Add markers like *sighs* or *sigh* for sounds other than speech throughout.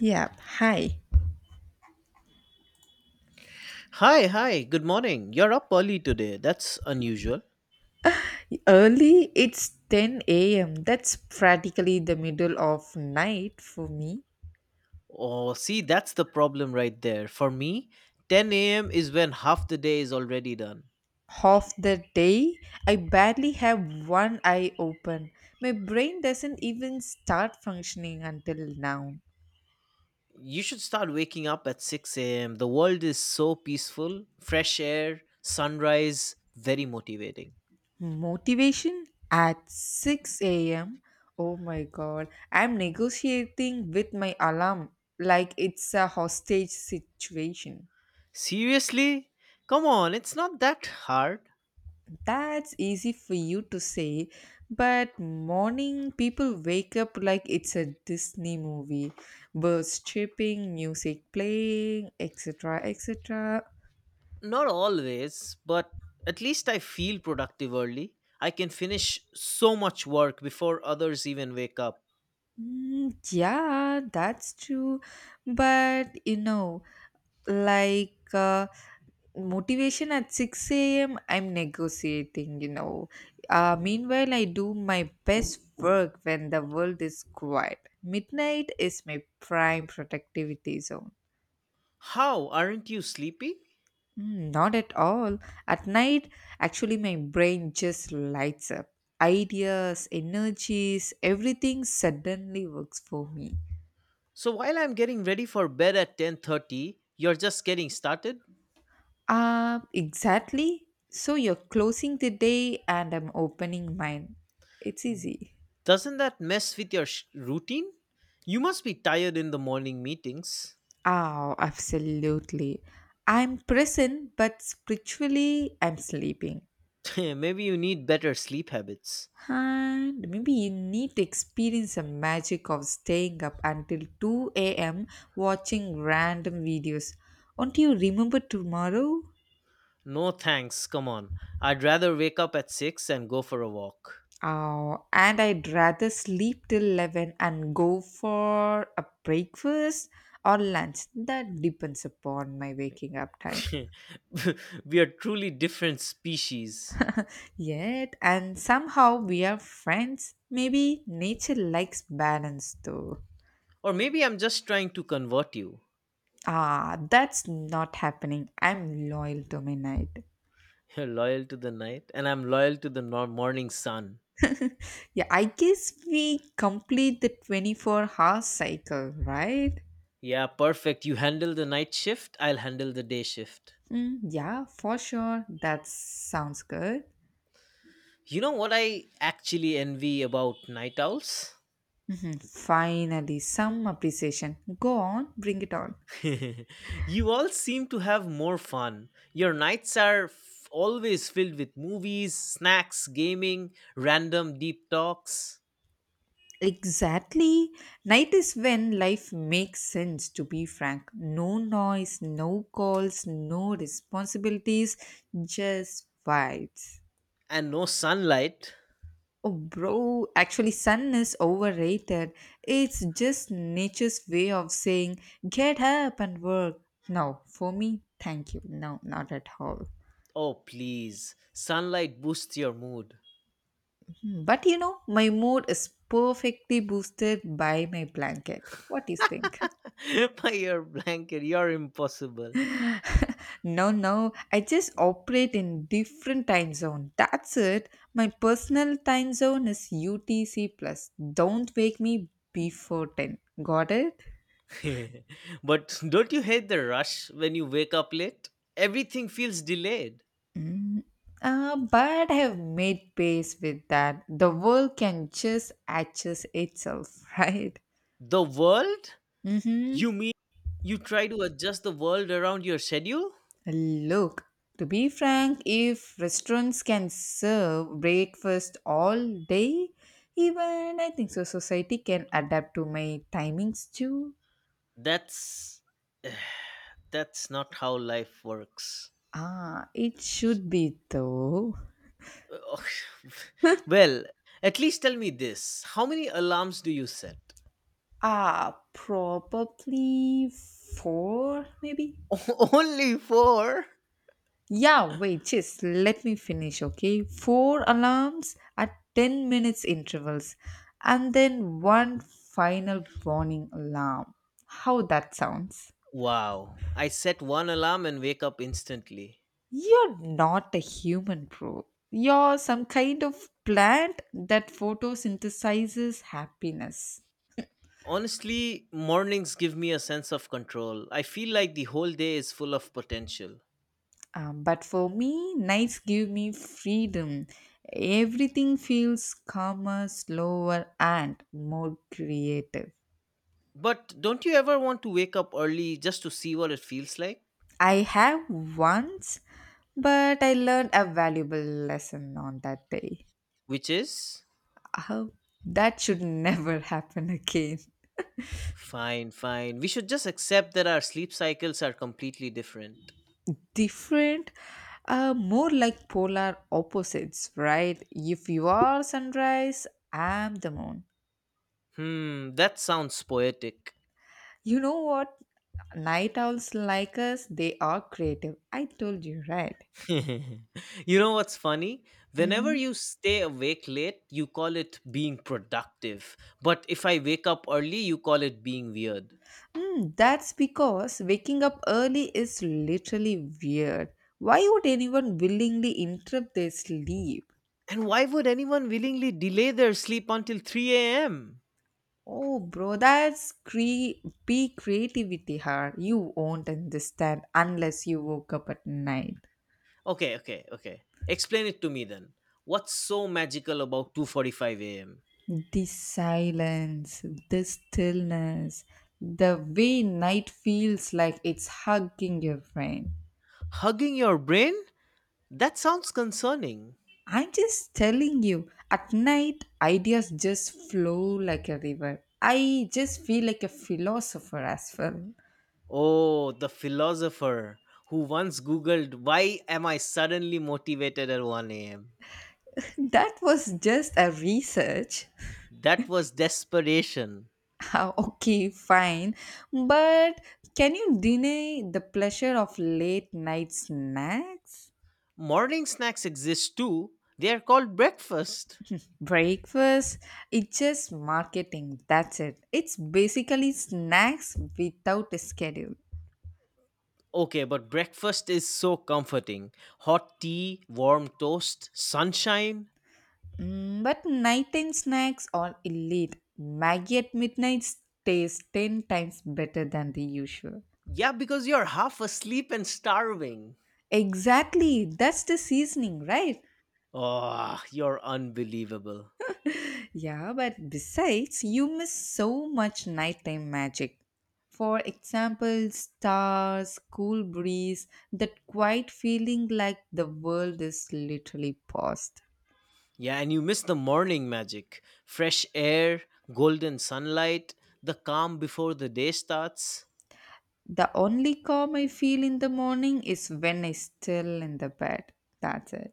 Yeah, hi. Hi, hi, good morning. You're up early today. That's unusual. Early, it's 10 a.m. That's practically the middle of night for me. Oh, see, that's the problem right there. For me, 10 a.m. is when half the day is already done. Half the day, I barely have one eye open. My brain doesn't even start functioning until now. You should start waking up at 6 a.m. The world is so peaceful, fresh air, sunrise, very motivating. Motivation at 6 a.m. Oh my god, I'm negotiating with my alarm like it's a hostage situation. Seriously? Come on, it's not that hard. That's easy for you to say, but morning people wake up like it's a Disney movie. Birds chirping, music playing, etc. etc. Not always, but at least I feel productive early. I can finish so much work before others even wake up. Mm, yeah, that's true. But like uh, motivation at 6 a.m., I'm negotiating. Meanwhile, I do my best work when the world is quiet. Midnight is my prime productivity zone. How aren't you sleepy? Mm, not at all. At night, actually, my brain just lights up. Ideas, energies, everything suddenly works for me. So while I'm getting ready for bed at 10:30, you're just getting started? Exactly. So you're closing the day and I'm opening mine. It's easy. Doesn't that mess with your routine? You must be tired in the morning meetings. Oh, absolutely. I'm present, but spiritually, I'm sleeping. *laughs* Maybe you need better sleep habits. And maybe you need to experience the magic of staying up until 2 a.m. watching random videos. Won't you remember tomorrow? No thanks, come on. I'd rather wake up at 6 and go for a walk. Oh, and I'd rather sleep till 11 and go for a breakfast or lunch. That depends upon my waking up time. *laughs* We are truly different species. *laughs* Yet, and somehow we are friends. Maybe nature likes balance though. Or maybe I'm just trying to convert you. Ah, that's not happening. I'm loyal to my night. *laughs* You're loyal to the night, and I'm loyal to the morning sun. Yeah, I guess we complete the 24-hour cycle, right? Yeah, perfect. You handle the night shift, I'll handle the day shift. Mm, yeah, for sure. That sounds good. You know what I actually envy about night owls? Mm, finally, some appreciation. Go on, bring it on. *laughs* You all seem to have more fun. Your nights are always filled with movies, snacks, gaming, random deep talks, Exactly. Night is when life makes sense, to be frank. No noise, no calls, no responsibilities, just vibes. and no sunlight. Oh, bro, actually, sun is overrated. It's just nature's way of saying, get up and work. No, for me, thank you. No, not at all. Oh, please. Sunlight boosts your mood. Hmm, but you know, my mood is perfectly boosted by my blanket. What do you think? *laughs* *laughs* My ear blanket, you're impossible. No, no, I just operate in different time zone. That's it. My personal time zone is UTC plus. Don't wake me before 10. Got it? *laughs* But don't you hate the rush when you wake up late? Everything feels delayed. Mm, but I've made peace with that. The world can just adjust itself, *laughs* right? The world? Mm-hmm. You mean you try to adjust the world around your schedule? Look, to be frank, if restaurants can serve breakfast all day, even I think so society can adapt to my timings too. That's *sighs* That's not how life works. Ah, it should be though. Ugh. *laughs* Well, at least tell me this. How many alarms do you set? Ah, probably four, maybe. *laughs* Only four? Yeah, wait, just let me finish, okay? Four alarms at 10 minutes intervals and then one final warning alarm. How that sounds? Wow. I set one alarm and wake up instantly. You're not a human, bro. You're some kind of plant that photosynthesizes happiness. Honestly, mornings give me a sense of control. I feel like the whole day is full of potential. But for me, nights give me freedom. Everything feels calmer, slower, and more creative. But don't you ever want to wake up early just to see what it feels like? I have once, but I learned a valuable lesson on that day. Which is? Uh, that should never *laughs* happen again. Fine, fine. We should just accept that our sleep cycles are completely different. Different, more like polar opposites, right? If you are sunrise, I'm the moon. Hmm, that sounds poetic. You know what? Night owls like us, they are creative. I told you, right? *laughs* You know what's funny? Whenever Mhm. you stay awake late, you call it being productive. But if I wake up early, you call it being weird. Hmm, that's because waking up early is literally weird. Why would anyone willingly interrupt their sleep? And why would anyone willingly delay their sleep until 3 a.m.? Oh, bro, that's peak creativity, her. You won't understand unless you woke up at night. Okay, okay, okay. Explain it to me then. What's so magical about 2:45 a.m.? The silence, the stillness, the way night feels like it's hugging your brain. Hugging your brain? That sounds concerning. I'm just telling you, at night, ideas just flow like a river. I just feel like a philosopher as well. *laughs* Oh, the philosopher who once googled why am I suddenly motivated at 1 a.m. That was just a research. *laughs* That was desperation. Ah, okay, fine. But can you deny the pleasure of late night snacks? Morning snacks exist too. They are called breakfast. Breakfast, it's just marketing. That's it. It's basically snacks without a schedule. Okay, but breakfast is so comforting. Hot tea, warm toast, sunshine. Mm, but nighttime snacks are elite. Maggie at midnight tastes 10 times better than the usual. Yeah, because you're half asleep and starving. Exactly, that's the seasoning, right? Oh, you're unbelievable. Yeah, but besides, you miss so much nighttime magic. For example, stars, cool breeze, that quiet feeling like the world is literally paused. Yeah, and you miss the morning magic. Fresh air, golden sunlight, the calm before the day starts. The only calm I feel in the morning is when I still in the bed. That's it.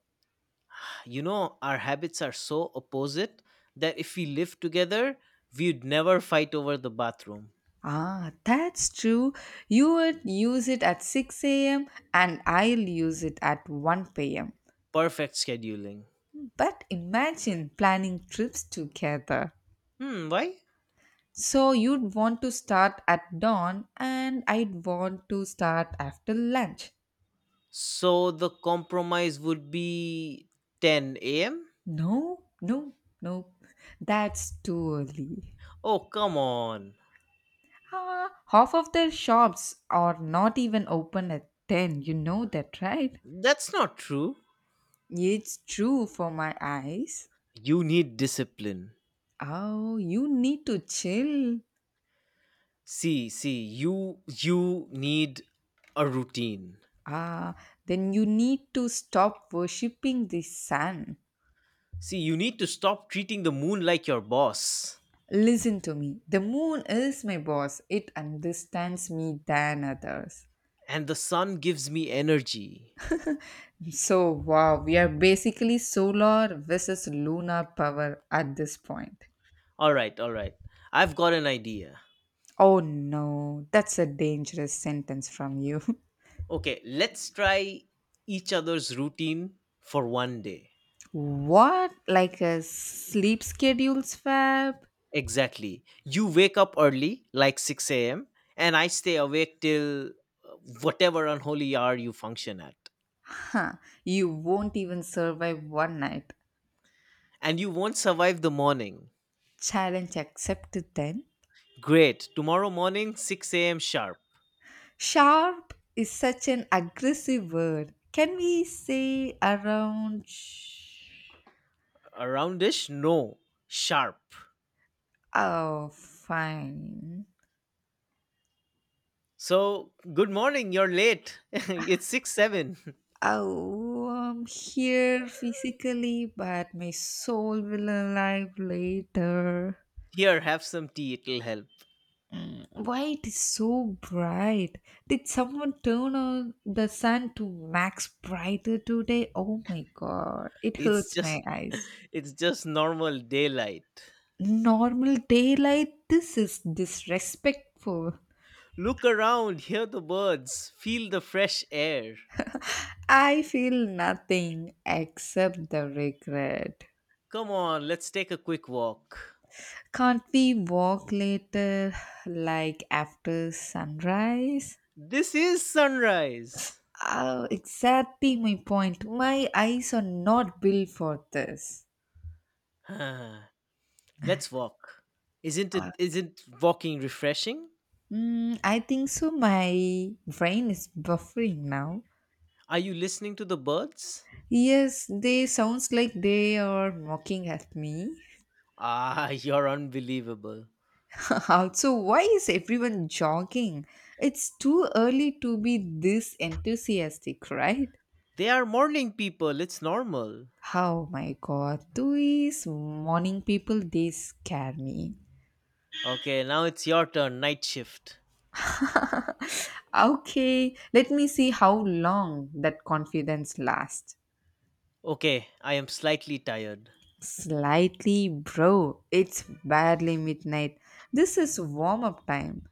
You know, our habits are so opposite that if we lived together, we'd never fight over the bathroom. Ah, that's true. You would use it at 6 a.m. and I'll use it at 1 p.m. Perfect scheduling. But imagine planning trips together. Hmm, why? So you'd want to start at dawn and I'd want to start after lunch. So the compromise would be 10 a.m.? No, no, no. That's too early. Oh, come on. Ah, half of their shops are not even open at 10. You know that, right? That's not true. It's true for my eyes. You need discipline. Oh, you need to chill. See, see, you need a routine. Ah, then you need to stop worshipping the sun. See, you need to stop treating the moon like your boss. Listen to me. The moon is my boss. It understands me than others. And the sun gives me energy. So, wow, we are basically solar versus lunar power at this point. All right, all right. I've got an idea. Oh no, that's a dangerous sentence from you. Okay, let's try each other's routine for one day. *laughs* What? Like a sleep schedules fab? Exactly. You wake up early, like 6 a.m., and I stay awake till whatever unholy hour you function at. Huh, you won't even survive one night. And you won't survive the morning. Challenge accepted then. Great. Tomorrow morning, 6 a.m. sharp. Sharp is such an aggressive word. Can we say around? Aroundish? No. Sharp. Oh, fine. So, good morning, you're late. *laughs* It's 6 7. *laughs* Oh, I'm here physically, but my soul will arrive later. Here, have some tea, it'll help. Why it is so bright? Did someone turn on the sun to max brighter today? Oh my god, it It's hurts just. my *laughs* eyes. It's just normal daylight. Normal daylight. This is disrespectful. Look around, hear the birds, feel the fresh air. I feel nothing except the regret. Come on, let's take a quick walk. Can't we walk later, like after sunrise? This is sunrise. *sighs* Oh, exactly my point. My eyes are not built for this. Ah, let's walk. Isn't walking refreshing? Mm, I think so. My brain is buffering now. Are you listening to the birds? Yes, they sounds like they are mocking at me. *laughs* You're unbelievable. *laughs* Also, why is everyone jogging? It's too early to be this enthusiastic, right? They are morning people, it's normal. Oh my god, these morning people, they scare me. Okay, now it's your turn, night shift. Okay, let me see how long that confidence lasts. Okay, I am slightly tired. Slightly, bro, it's barely midnight. This is warm up time.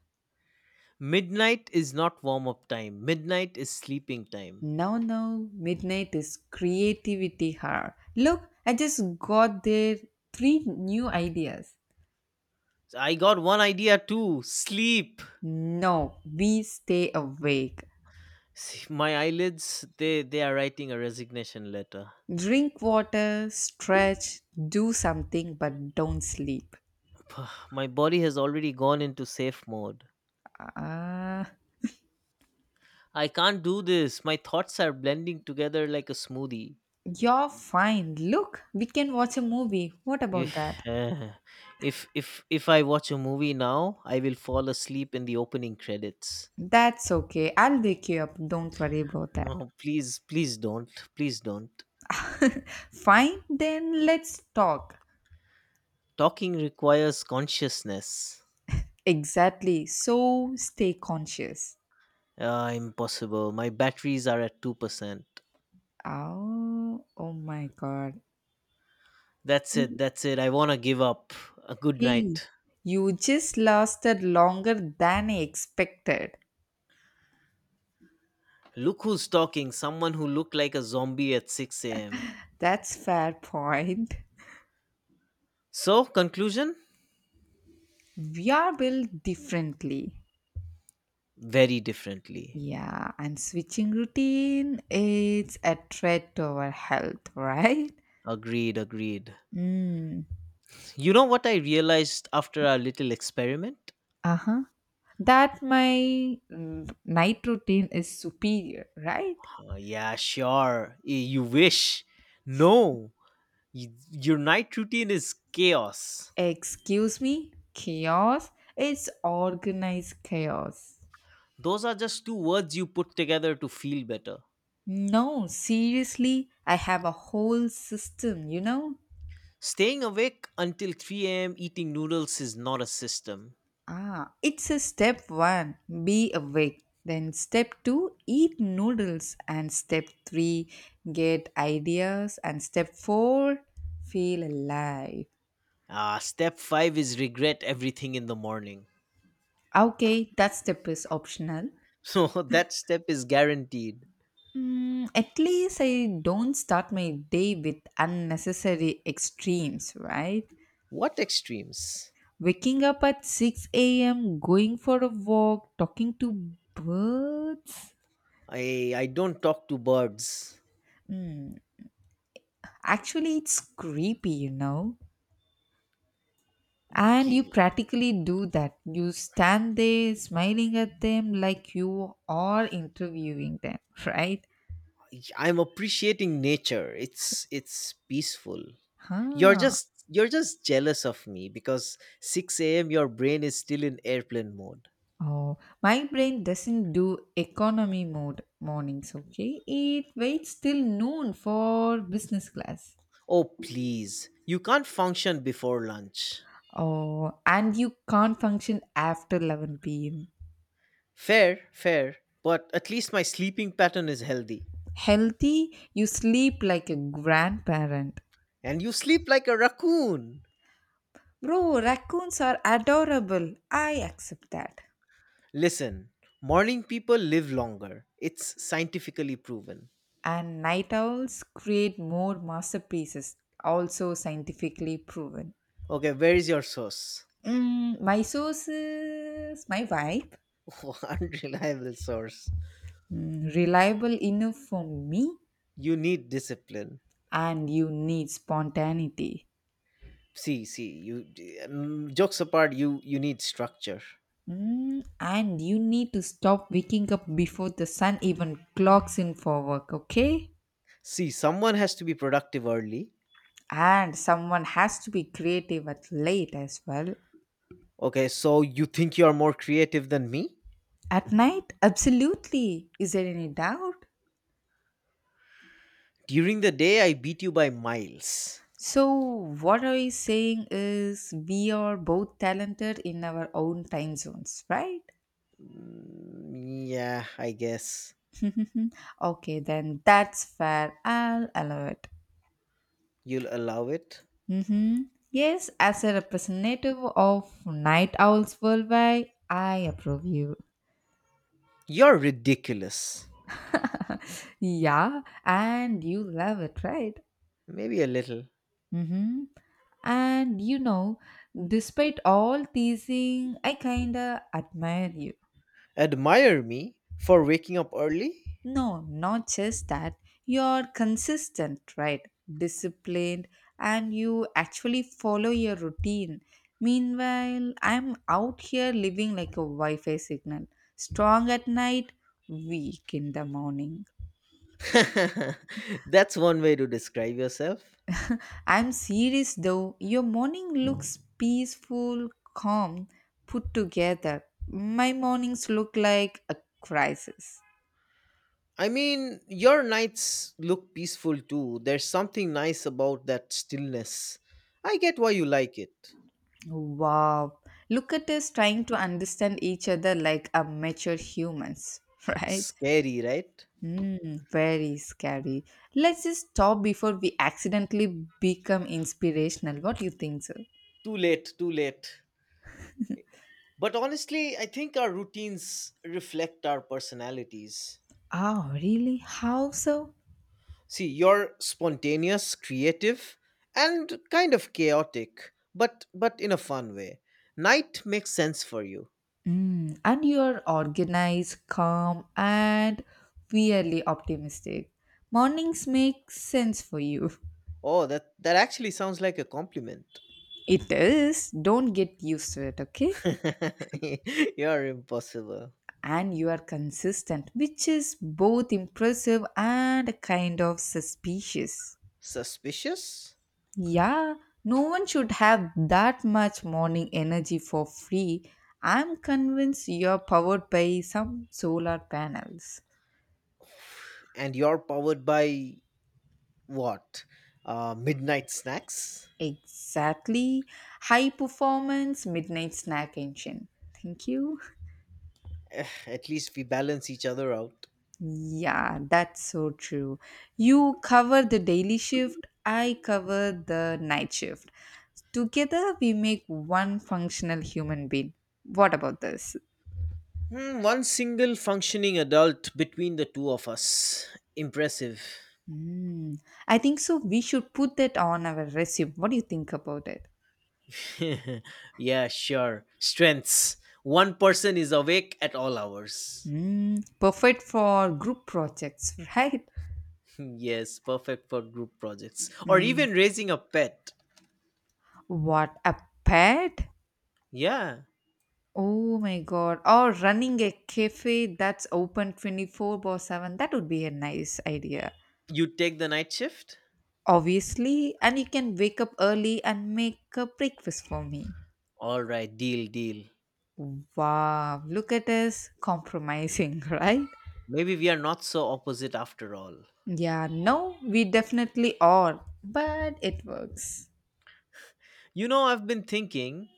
Midnight is not warm up time. Midnight is sleeping time. No, no, midnight is creativity hour. Look, I just got there three new ideas. I got one idea too. Sleep. No, we stay awake. See, my eyelids, they are writing a resignation letter. Drink water, stretch, do something, but don't sleep. *sighs* My body has already gone into safe mode. Ah, I can't do this. My thoughts are blending together like a smoothie. you're fine. Look, we can watch a movie. What about If, that? *sighs* eh, if I watch a movie now, I will fall asleep in the opening credits. That's okay. I'll wake you up. Don't worry about that. No, please, please don't. Please don't. Fine, then let's talk. Talking requires consciousness. Exactly. So stay conscious. Impossible. My batteries are at 2%. Oh, oh my god. That's it. That's it. I want to give up. A good Hey, night. you just lasted longer than I expected. Look who's talking, someone who looked like a zombie at 6 a.m. That's fair point. So, conclusion? We are built differently. Very differently. Yeah, and switching routine it's a threat to our health, right? Agreed, agreed. Mm, You know what I realized after our little experiment? uh-huh. That my night routine is superior, right? Yeah, sure. You wish. No, your night routine is chaos. Excuse me, chaos. It's organized chaos. Those are just two words you put together to feel better. No, seriously, I have a whole system, you know? Staying awake until 3 a.m. eating noodles is not a system. Ah, it's a step one, be awake. Then step two, eat noodles. And step three, get ideas. And step four, feel alive. Step 5 is regret everything in the morning. Okay, that step is optional. *laughs* So that step is guaranteed. Mm, at least I don't start my day with unnecessary extremes, right? What extremes? Waking up at 6 a.m., going for a walk, talking to birds. I don't talk to birds. Mm, actually, it's creepy, you know. And you K- practically do that. You stand there smiling at them like you are interviewing them, *laughs* right? I'm appreciating nature. It's peaceful. You're Huh. just you're just jealous of me because 6 a.m. your brain is still in airplane mode. Oh, my brain doesn't do economy mode mornings, okay? It waits till noon for business class. Oh please. You can't function before lunch. Oh, and you can't function after 11 pm. Fair, fair, but at least my sleeping pattern is healthy. Healthy, you sleep like a grandparent. And you sleep like a raccoon. Bro, raccoons are adorable. I accept that. Listen, morning people live longer. It's scientifically proven. And night owls create more masterpieces, also scientifically proven. Okay, where is your source? Mm, my source is my vibe. *laughs* Unreliable source. Mm, reliable enough for me, You need discipline. and you need spontaneity. See, see, jokes apart, you need structure. Mm, and you need to stop waking up before the sun even clocks in for work, okay? See, someone has to be productive early. And someone has to be creative at late as well. Okay, so you think you are more creative than me? At night, absolutely. Is there any doubt? During the day I beat you by miles. So, what are we saying is we are both talented in our own time zones, right? Mm, yeah, I guess. *laughs* Okay, then that's fair. I'll allow it. You'll allow it. Hmm. Yes, as a representative of night owls worldwide, I approve you. You're ridiculous. *laughs* Yeah, and you love it, right? Maybe a little. Hmm. And you know, despite all teasing, I kinda admire you. Admire me for waking up early? No, not just that. You're consistent, right? Disciplined, and you actually follow your routine. Meanwhile, I'm out here living like a Wi Fi signal. Strong at night, weak in the morning. *laughs* That's one way to describe yourself. I'm serious though. Your morning looks peaceful, calm, put together. My mornings look like a crisis. I mean, your nights look peaceful too. There's something nice about that stillness. I get why you like it. Wow. Look at us trying to understand each other like a mature humans, *laughs* right? Scary, right? Mm, very scary. Let's just stop before we accidentally become inspirational. What do you think, sir? Too late, too late. But honestly, I think our routines reflect our personalities. Oh, really? How so? See, you're spontaneous, creative, and kind of chaotic, but in a fun way. Night makes sense for you. Mm, and you're organized, calm, and weirdly optimistic. Mornings make sense for you. Oh, that actually sounds like a compliment. *laughs* It is. Don't get used to it, okay? *laughs* You're impossible. And you are consistent, which is both impressive and kind of suspicious. Suspicious? Yeah, no one should have that much morning energy for free. I'm convinced you're powered by some solar panels. And you're powered by what? Midnight snacks? Exactly. High performance midnight snack engine. Thank you. At least we balance each other out. Yeah, that's so true. You cover the daily shift, I cover the night shift. Together, we make one functional human being. What about this? Hmm, one single functioning adult between the two of us. Impressive. Hmm. I think so. We should put that on our resume. What do you think about it? *laughs* Yeah, sure. Strengths. One person is awake at all hours. Mm, perfect for group projects, *laughs* right? *laughs* Yes, perfect for group projects. Or Mm, even raising a pet. what a pet! Yeah. Oh my god. Or running a cafe that's open 24 by 7. That would be a nice idea. You take the night shift? Obviously, and you can wake up early and make a breakfast for me. All right, deal, deal. Wow, look at us compromising, *laughs* right? Maybe we are not so opposite after all. Yeah, no, we definitely are, but it works. You know, I've been thinking,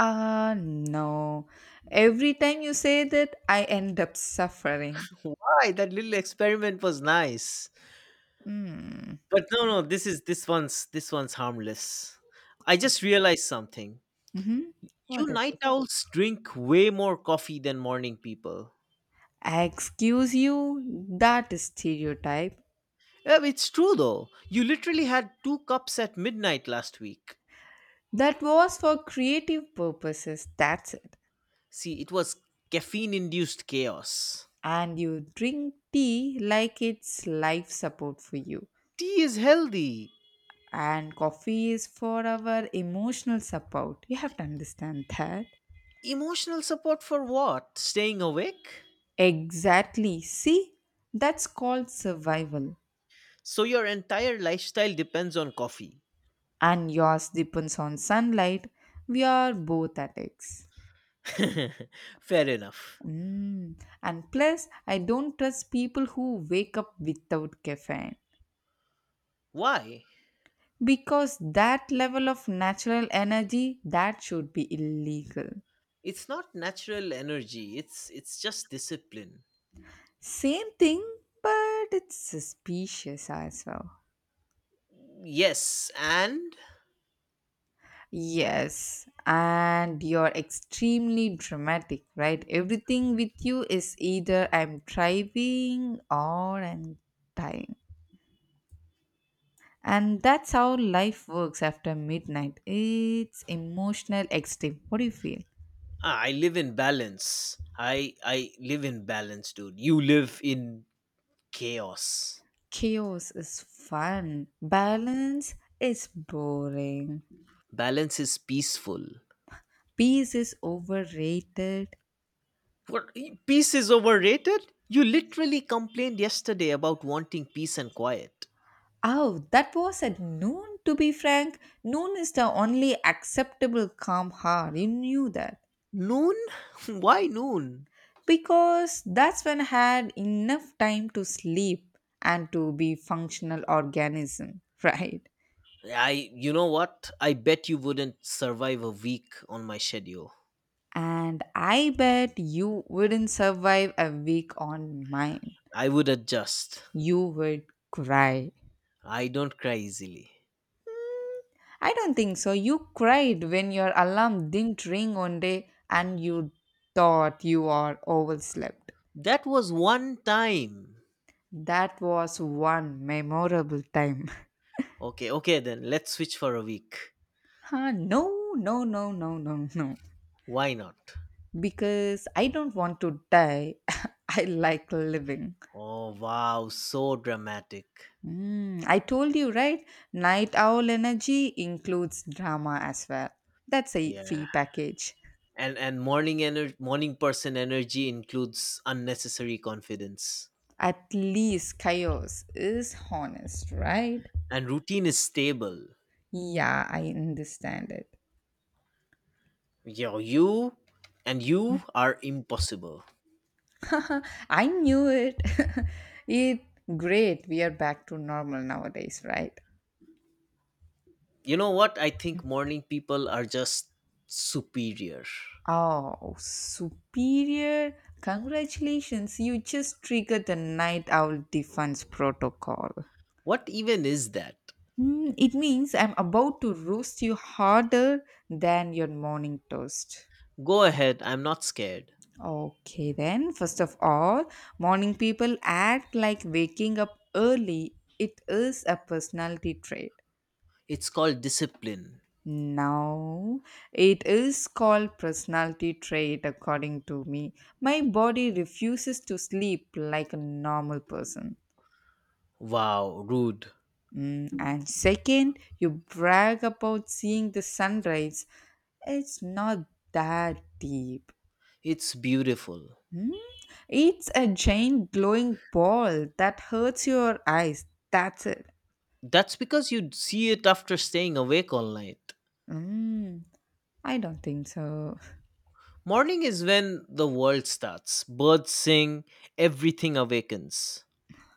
Ah, no. Every time you say that, I end up suffering. why that little experiment was nice. Hmm. But no, no, this one's harmless. I just realized something. Mm-hmm. You What it night is? owls drink way more coffee than morning people. Excuse you, that is stereotype. Yeah, it's true though. You literally had two cups at midnight last week. That was for creative purposes, that's it. See, it was caffeine induced chaos. And you drink tea like it's life support for you, Tea is healthy. and coffee is for our emotional support. You have to understand that. Emotional support for what? Staying awake? Exactly, see, that's called survival. So your entire lifestyle depends on coffee. And yours depends on sunlight. We are both addicts. *laughs* Fair enough. Mm. And plus, I don't trust people who wake up without caffeine, Why? because that level of natural energy, that should be illegal. It's not natural energy. It's just discipline. Same thing, but it's suspicious as well. Yes, and Yes, and you're extremely dramatic, right? Everything with you is either I'm driving or I'm dying. And that's how life works after midnight. It's emotional extreme. What do you feel? I live in balance. I live in balance, dude. You live in chaos. Chaos is fun, balance is boring, Balance is peaceful. peace is overrated. What peace is overrated? You literally complained yesterday about wanting peace and quiet. Oh, that was at noon, to be frank. Noon is the only acceptable calm hour. You knew that. Noon? *laughs* Why noon? Because that's when I had enough time to sleep and to be functional organism, *laughs* right? You know what? I bet you wouldn't survive a week on my schedule. And I bet you wouldn't survive a week on mine. I would adjust. You would cry. I don't cry easily. I don't think so. You cried when your alarm didn't ring one day, and you thought you are overslept. That was one time. That was one memorable time. *laughs* Okay, okay then. Let's switch for a week. Huh, no, no, no, no, no, no. Why not? Because I don't want to die. *laughs* I like living. Oh wow, so dramatic. I told you, right? Night owl energy includes drama as well. That's a Yeah. free package. And morning person energy includes unnecessary confidence. At least chaos is honest, right? And routine is stable. Yeah, I understand it. Yo, you and you are impossible. *laughs* I knew it. *laughs* It great. We are back to normal nowadays, right? You know what? I think morning people are just superior. Oh, superior. Congratulations, you just triggered the night owl defense protocol. What even is that? It means I'm about to roast you harder than your morning toast. Go ahead, I'm not scared. Okay, then, first of all, morning people act like waking up early, it is a personality trait. It's called discipline. No, it is called personality trait according to me. My body refuses to sleep like a normal person. Wow, rude. And second, you brag about seeing the sunrise. It's not that deep. It's beautiful. Hmm? It's a giant glowing ball that hurts your eyes. That's it. That's because you see it after staying awake all night. Mm, I don't think so. Morning is when the world starts. Birds sing, everything awakens.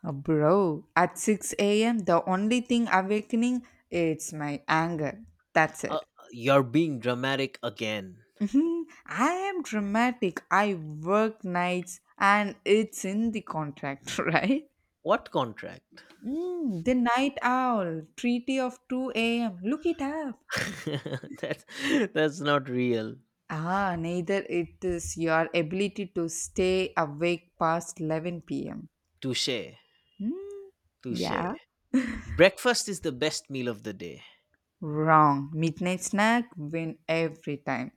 Bro, at 6 a.m., the only thing awakening it's my anger. That's Uh, it. you're being dramatic again. Mhm. I am dramatic. I work nights and it's in the contract, *laughs* right? What contract? The night owl, treaty of 2 a.m. Look it up. *laughs* that's, that's not real. Neither it is your ability to stay awake past 11 p.m. Touche. Hmm, Touche. yeah, Breakfast is the best meal of the day. wrong. Midnight snack win every time.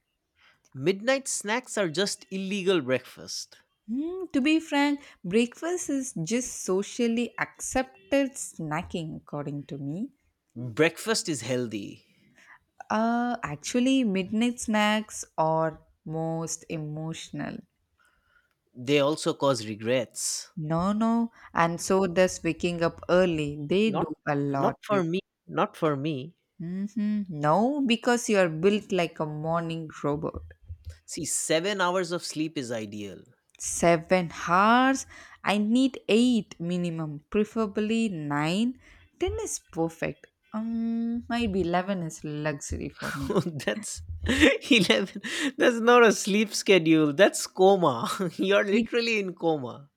Midnight snacks are just illegal breakfast. To be frank, breakfast is just socially accepted snacking, according to me. Breakfast is healthy. Actually, midnight snacks are most emotional. They also cause regrets. No, no, and so does waking up early. They do Not a lot. not for Like, me, not for me. mm-hmm. No, because you are built like a morning robot. See, 7 hours of sleep is ideal. 7 hours? I need eight minimum, preferably nine. Ten is perfect. Maybe 11 is luxury for me. *laughs* that's *laughs* 11, that's not a sleep schedule. That's coma. *laughs* You're It- literally in coma.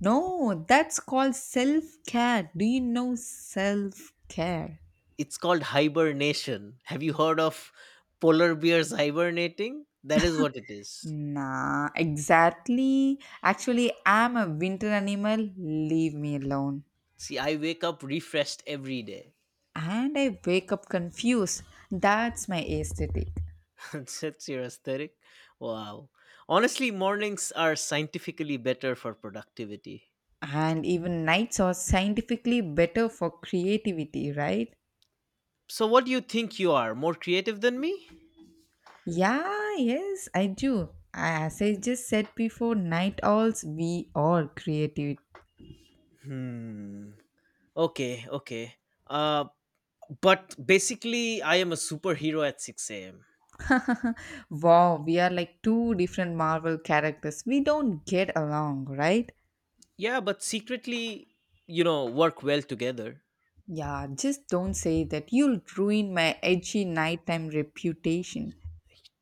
no, that's called self care. Do you know self care? It's called hibernation. Have you heard of polar bears hibernating? That is what it is. Nah, exactly. Actually, I'm a winter animal. Leave me alone. See, I wake up refreshed every day. And I wake up confused. That's my aesthetic. *laughs* That's your aesthetic. Wow. Honestly, mornings are scientifically better for productivity. And even nights are scientifically better for creativity, right? So, what do you think you are? More creative than me? Yeah, yes, I do. As I just said before, night owls, we are creative. Hmm. Okay, okay. Uh, but basically, I am a superhero at 6 a.m. *laughs* Wow, we are like two different Marvel characters. We don't get along, right? Yeah, but secretly, work well together. Yeah, just don't say that. You'll ruin my edgy nighttime reputation.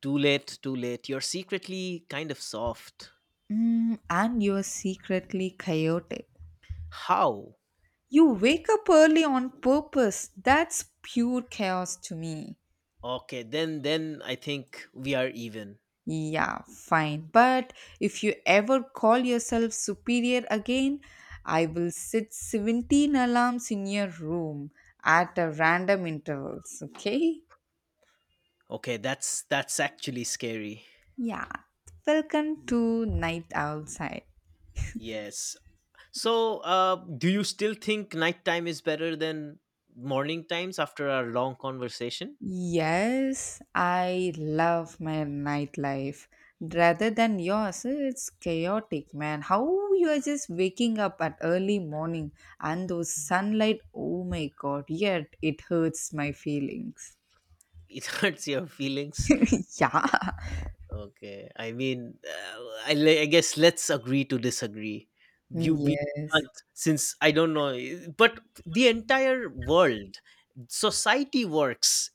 Too late, too late. You're secretly kind of soft. And you're secretly chaotic. How? You wake up early on purpose. That's pure chaos to me. Okay, then I think we are even. Yeah, fine. But if you ever call yourself superior again, I will set 17 alarms in your room at a random intervals, okay? Okay, that's actually scary. Yeah. Welcome to Night Outside. Yes. So, do you still think nighttime is better than morning times after our long conversation? Yes, I love my nightlife. Rather than yours, it's chaotic, man. How you are just waking up at early morning, and those sunlight, oh my god, yet it hurts my feelings. It *laughs* hurts your feelings. *laughs* Yeah. Okay. I mean, I guess let's agree to disagree. You be can't, Yes. since I don't know, but the entire world, society works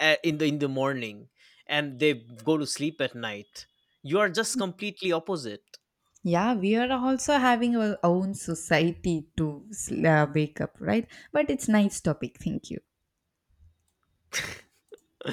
in the morning, and they go to sleep at night. You are just completely opposite. Yeah, we are also having our own society to wake up, right? But it's nice topic. Thank you.